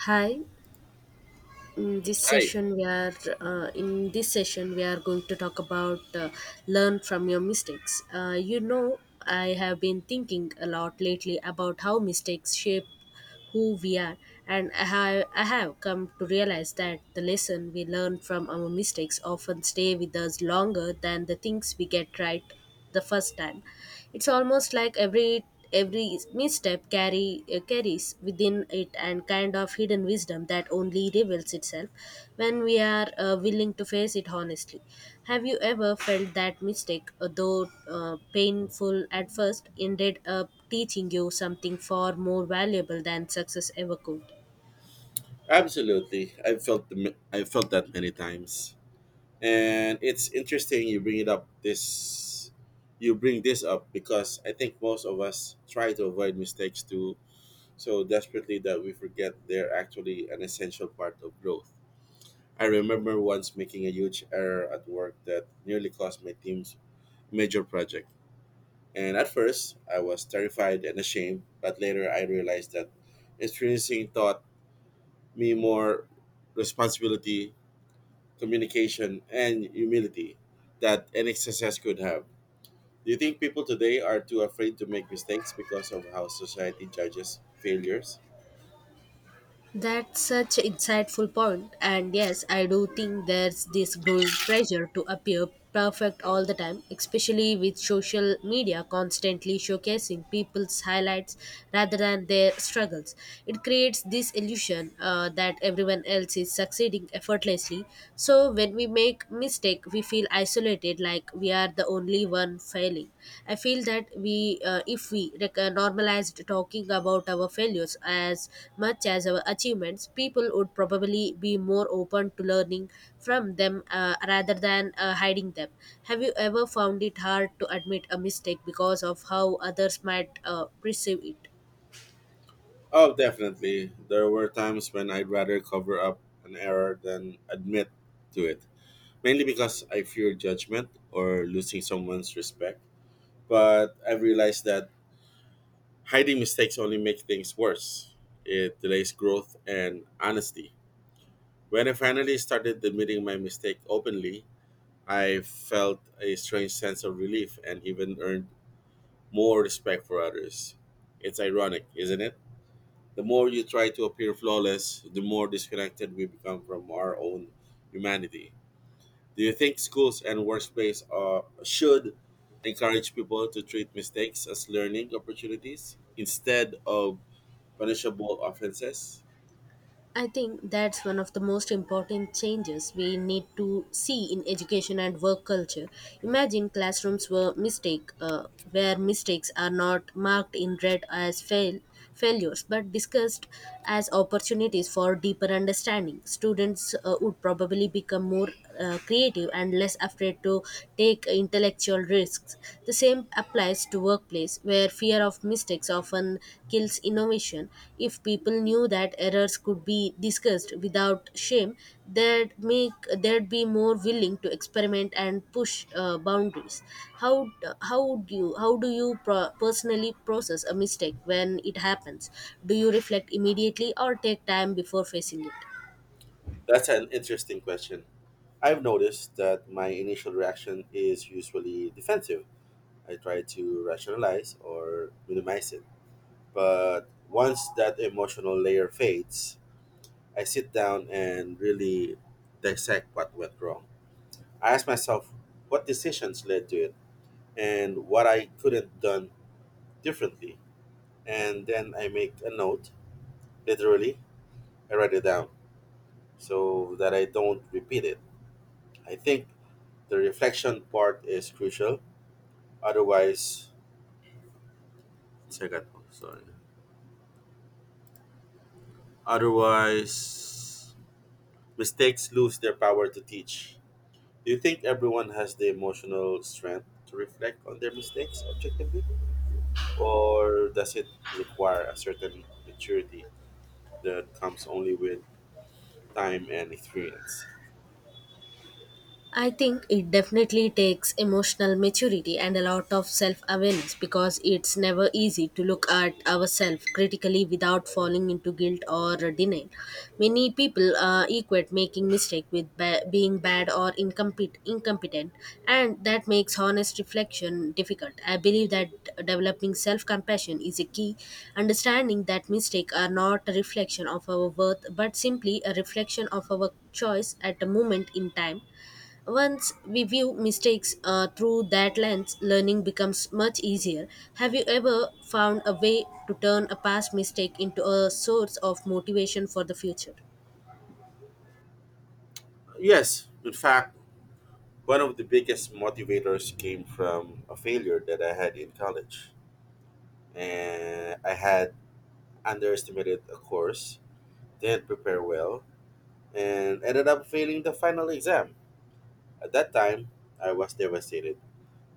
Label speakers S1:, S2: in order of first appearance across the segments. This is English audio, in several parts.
S1: Hi. In this
S2: Hi.
S1: session, we are going to talk about learn from your mistakes. I have been thinking a lot lately about how mistakes shape who we are, and I have come to realize that the lesson we learn from our mistakes often stay with us longer than the things we get right the first time. It's almost like every misstep carry carries within it and kind of hidden wisdom that only reveals itself when we are willing to face it honestly. Have you ever felt that mistake, though painful at first, ended up teaching you something far more valuable than success ever could?
S2: Absolutely. I've felt that many times. And it's interesting you bring it up this you bring this up because I think most of us try to avoid mistakes too so desperately that we forget they're actually an essential part of growth. I remember once making a huge error at work that nearly cost my team's major project. And at first, I was terrified and ashamed, but later I realized that experiencing thought me more responsibility, communication, and humility that any success could have. Do you think people today are too afraid to make mistakes because of how society judges failures?
S1: That's such insightful point. And yes, I do think there's this growing pressure to appear perfect all the time, especially with social media constantly showcasing people's highlights rather than their struggles. It creates this illusion that everyone else is succeeding effortlessly. So when we make mistake, we feel isolated, like we are the only one failing. I feel that we if we normalized talking about our failures as much as our achievements, people would probably be more open to learning from them rather than hiding them. Have you ever found it hard to admit a mistake because of how others might perceive it?
S2: Oh, definitely. There were times when I'd rather cover up an error than admit to it, mainly because I fear judgment or losing someone's respect. But I've realized that hiding mistakes only make things worse. It delays growth and honesty. When I finally started admitting my mistake openly, I felt a strange sense of relief and even earned more respect for others. It's ironic, isn't it? The more you try to appear flawless, the more disconnected we become from our own humanity. Do you think schools and workspace should encourage people to treat mistakes as learning opportunities instead of punishable offenses?
S1: I think that's one of the most important changes we need to see in education and work culture. Imagine classrooms where mistakes are not marked in red as failures, but discussed as opportunities for deeper understanding. Students would probably become more creative and less afraid to take intellectual risks. The same applies to workplace where fear of mistakes often kills innovation. If people knew that errors could be discussed without shame, they'd be more willing to experiment and push boundaries. How how do you personally process a mistake when it happens? Do you reflect immediately or take time before facing it?
S2: That's an interesting question. I've noticed that my initial reaction is usually defensive. I try to rationalize or minimize it. But once that emotional layer fades, I sit down and really dissect what went wrong. I ask myself what decisions led to it and what I could have done differently. And then I make a note, literally, I write it down so that I don't repeat it. I think the reflection part is crucial. Otherwise, sorry. Otherwise, mistakes lose their power to teach. Do you think everyone has the emotional strength to reflect on their mistakes objectively? Or does it require a certain maturity that comes only with time and experience?
S1: I think it definitely takes emotional maturity and a lot of self awareness because it's never easy to look at ourselves critically without falling into guilt or denial. Many people equate making mistake with being bad or incompetent, and that makes honest reflection difficult. I believe that developing self compassion is a key, understanding that mistakes are not a reflection of our worth but simply a reflection of our choice at a moment in time. Once we view mistakes through that lens, learning becomes much easier. Have you ever found a way to turn a past mistake into a source of motivation for the future?
S2: Yes, in fact, one of the biggest motivators came from a failure that I had in college. And I had underestimated a course, didn't prepare well, and ended up failing the final exam. At that time, I was devastated,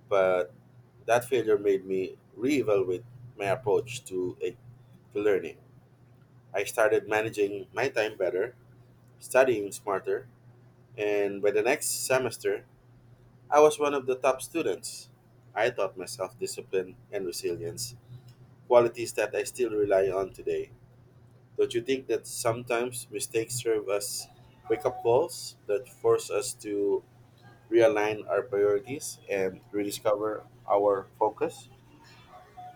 S2: but that failure made me reevaluate my approach to learning. I started managing my time better, studying smarter, and by the next semester, I was one of the top students. I taught myself discipline and resilience, qualities that I still rely on today. Don't you think that sometimes mistakes serve as wake up calls that force us to realign our priorities and rediscover our focus?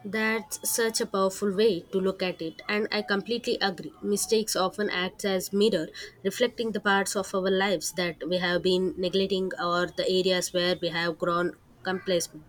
S1: That's such a powerful way to look at it, and I completely agree. Mistakes often act as mirror, reflecting the parts of our lives that we have been neglecting or the areas where we have grown complacent.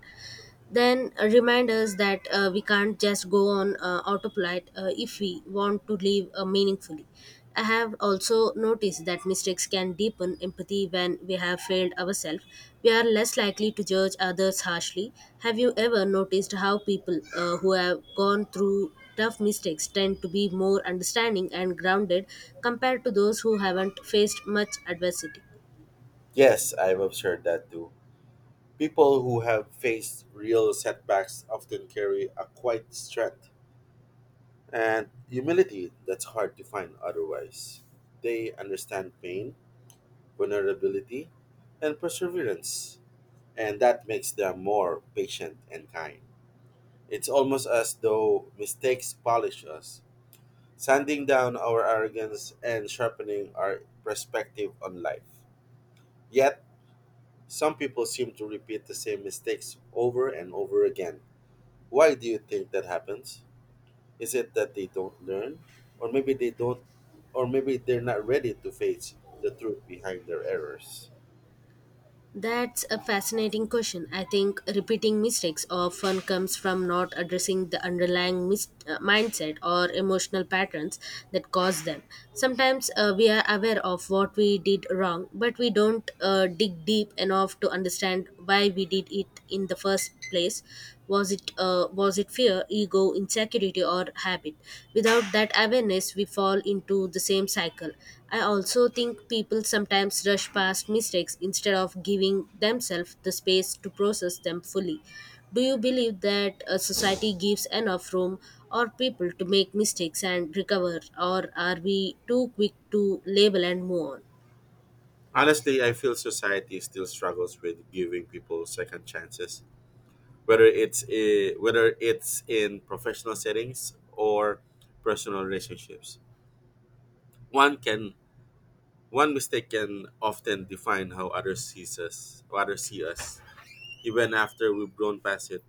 S1: Then remind us that we can't just go on autopilot if we want to live meaningfully. I have also noticed that mistakes can deepen empathy when we have failed ourselves. We are less likely to judge others harshly. Have you ever noticed how people who have gone through tough mistakes tend to be more understanding and grounded compared to those who haven't faced much adversity?
S2: Yes, I've observed that too. People who have faced real setbacks often carry a quiet strength and humility that's hard to find otherwise. They understand pain, vulnerability, and perseverance, and that makes them more patient and kind. It's almost as though mistakes polish us, sanding down our arrogance and sharpening our perspective on life. Yet, some people seem to repeat the same mistakes over and over again. Why do you think that happens? Is it that they don't learn? Or maybe they don't, or maybe they're not ready to face the truth behind their errors?
S1: That's a fascinating question. I think repeating mistakes often comes from not addressing the underlying mindset or emotional patterns that cause them. Sometimes we are aware of what we did wrong, but we don't dig deep enough to understand why we did it in the first place. Was it fear, ego, insecurity, or habit? Without that awareness, we fall into the same cycle. I also think people sometimes rush past mistakes instead of giving themselves the space to process them fully. Do you believe that a society gives enough room or people to make mistakes and recover, or are we too quick to label and move on?
S2: Honestly, I feel society still struggles with giving people second chances, whether whether it's in professional settings or personal relationships. one can One mistake can often define how others see us, even after we've grown past it.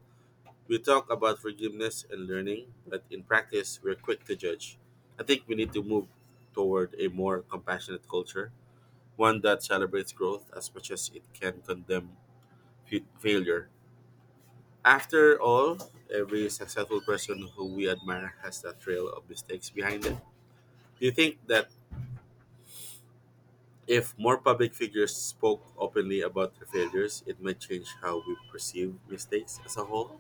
S2: We talk about forgiveness and learning, but in practice, we're quick to judge. I think we need to move toward a more compassionate culture, one that celebrates growth as much as it can condemn failure. After all, every successful person who we admire has that trail of mistakes behind it. Do you think that if more public figures spoke openly about their failures, it might change how we perceive mistakes as a whole.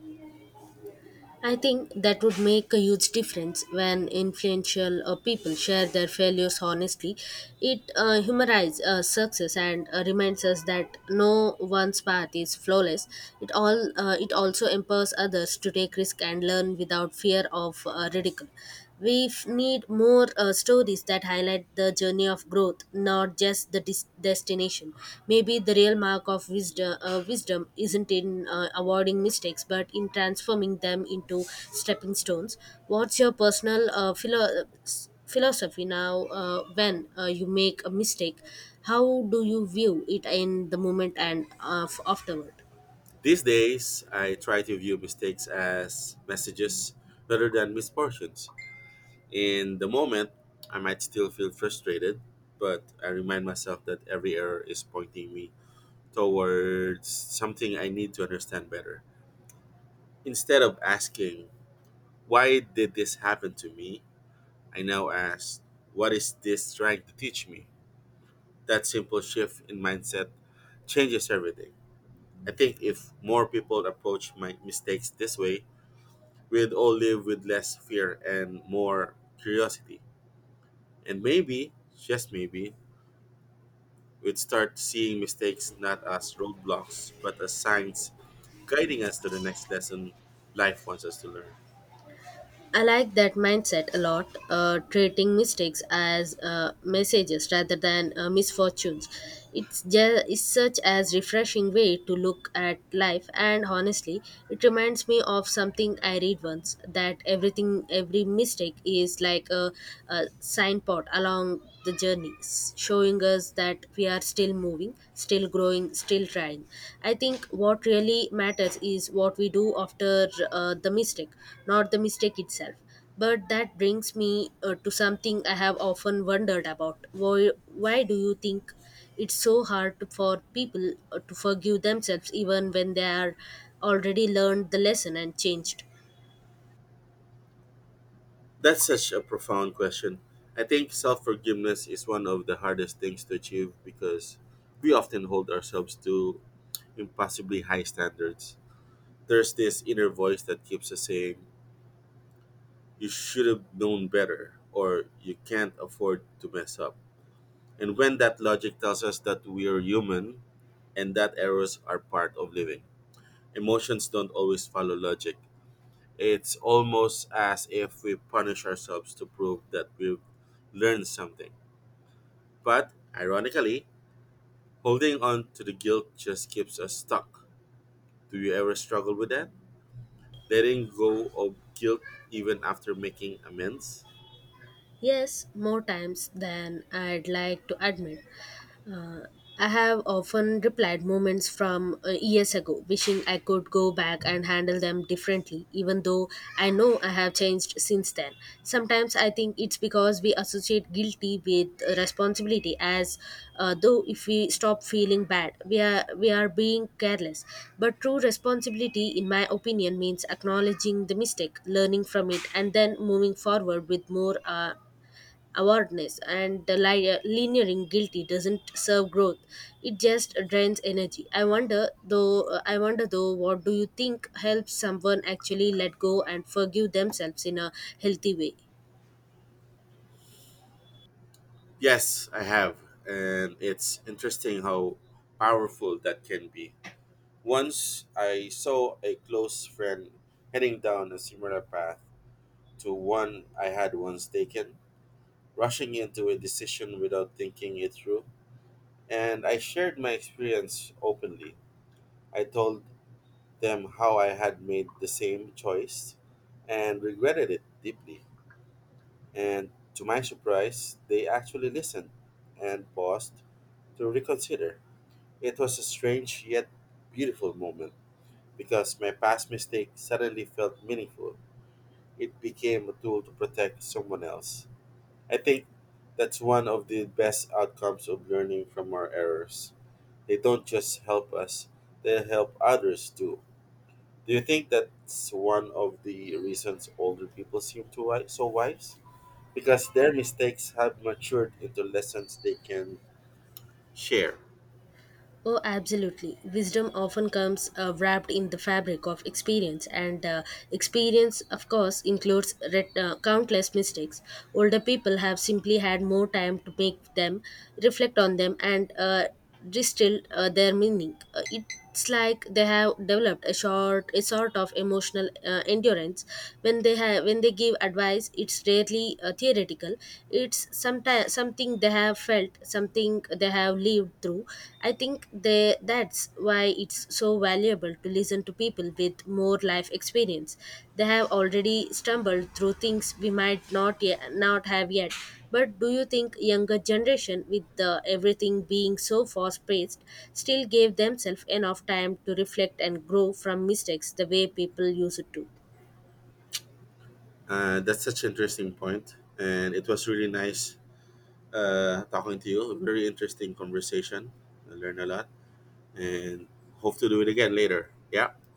S1: I think that would make a huge difference when influential people share their failures honestly. It humanizes success and reminds us that no one's path is flawless. It also empowers others to take risk and learn without fear of ridicule. We need more stories that highlight the journey of growth, not just the destination. Maybe the real mark of wisdom isn't in avoiding mistakes, but in transforming them into stepping stones. What's your personal philosophy now when you make a mistake? How do you view it in the moment and afterward?
S2: These days, I try to view mistakes as messages rather than misfortunes. In the moment, I might still feel frustrated, but I remind myself that every error is pointing me towards something I need to understand better. Instead of asking, why did this happen to me? I now ask, what is this trying to teach me? That simple shift in mindset changes everything. I think if more people approach my mistakes this way, we'd all live with less fear and more curiosity. And maybe, just maybe, we'd start seeing mistakes not as roadblocks, but as signs guiding us to the next lesson life wants us to learn.
S1: I like that mindset a lot, treating mistakes as messages rather than misfortunes. It's such as refreshing way to look at life, and honestly, it reminds me of something I read once that everything, every mistake is like a signpost along the journey, showing us that we are still moving, still growing, still trying. I think what really matters is what we do after the mistake, not the mistake itself. But that brings me to something I have often wondered about. Why do you think it's so hard for people to forgive themselves even when they are already learned the lesson and changed?
S2: That's such a profound question. I think self forgiveness is one of the hardest things to achieve because we often hold ourselves to impossibly high standards. There's this inner voice that keeps us saying, you should have known better, or you can't afford to mess up. And when that logic tells us that we are human and that errors are part of living, emotions don't always follow logic. It's almost as if we punish ourselves to prove that we've learned something. But ironically, holding on to the guilt just keeps us stuck. Do you ever struggle with that? Letting go of guilt even after making amends?
S1: Yes, more times than I'd like to admit. I have often replied moments from years ago, wishing I could go back and handle them differently, even though I know I have changed since then. Sometimes I think it's because we associate guilty with responsibility, as though if we stop feeling bad, we are being careless. But true responsibility, in my opinion, means acknowledging the mistake, learning from it, and then moving forward with more awareness, and the lingering guilty doesn't serve growth; it just drains energy. I wonder though, what do you think helps someone actually let go and forgive themselves in a healthy way?
S2: Yes, I have. And it's interesting how powerful that can be. Once I saw a close friend heading down a similar path to one I had once taken, rushing into a decision without thinking it through. And I shared my experience openly. I told them how I had made the same choice and regretted it deeply. And to my surprise, they actually listened and paused to reconsider. It was a strange yet beautiful moment because my past mistake suddenly felt meaningful. It became a tool to protect someone else. I think that's one of the best outcomes of learning from our errors. They don't just help us, they help others too. Do you think that's one of the reasons older people so wise? Because their mistakes have matured into lessons they can share.
S1: Oh, absolutely. Wisdom often comes wrapped in the fabric of experience, and experience, of course, includes countless mistakes. Older people have simply had more time to make them, reflect on them, and distill their meaning. It's like they have developed a sort of emotional endurance when they have when they give advice. It's rarely theoretical. It's sometimes something they have felt, something they have lived through. I think they that's why it's so valuable to listen to people with more life experience. They have already stumbled through things we might not have yet. But do you think younger generation with the everything being so fast paced still gave themselves enough time to reflect and grow from mistakes the way people used to?
S2: That's such an interesting point, and it was really nice talking to you. A very interesting conversation. I learned a lot and hope to do it again later. Yeah.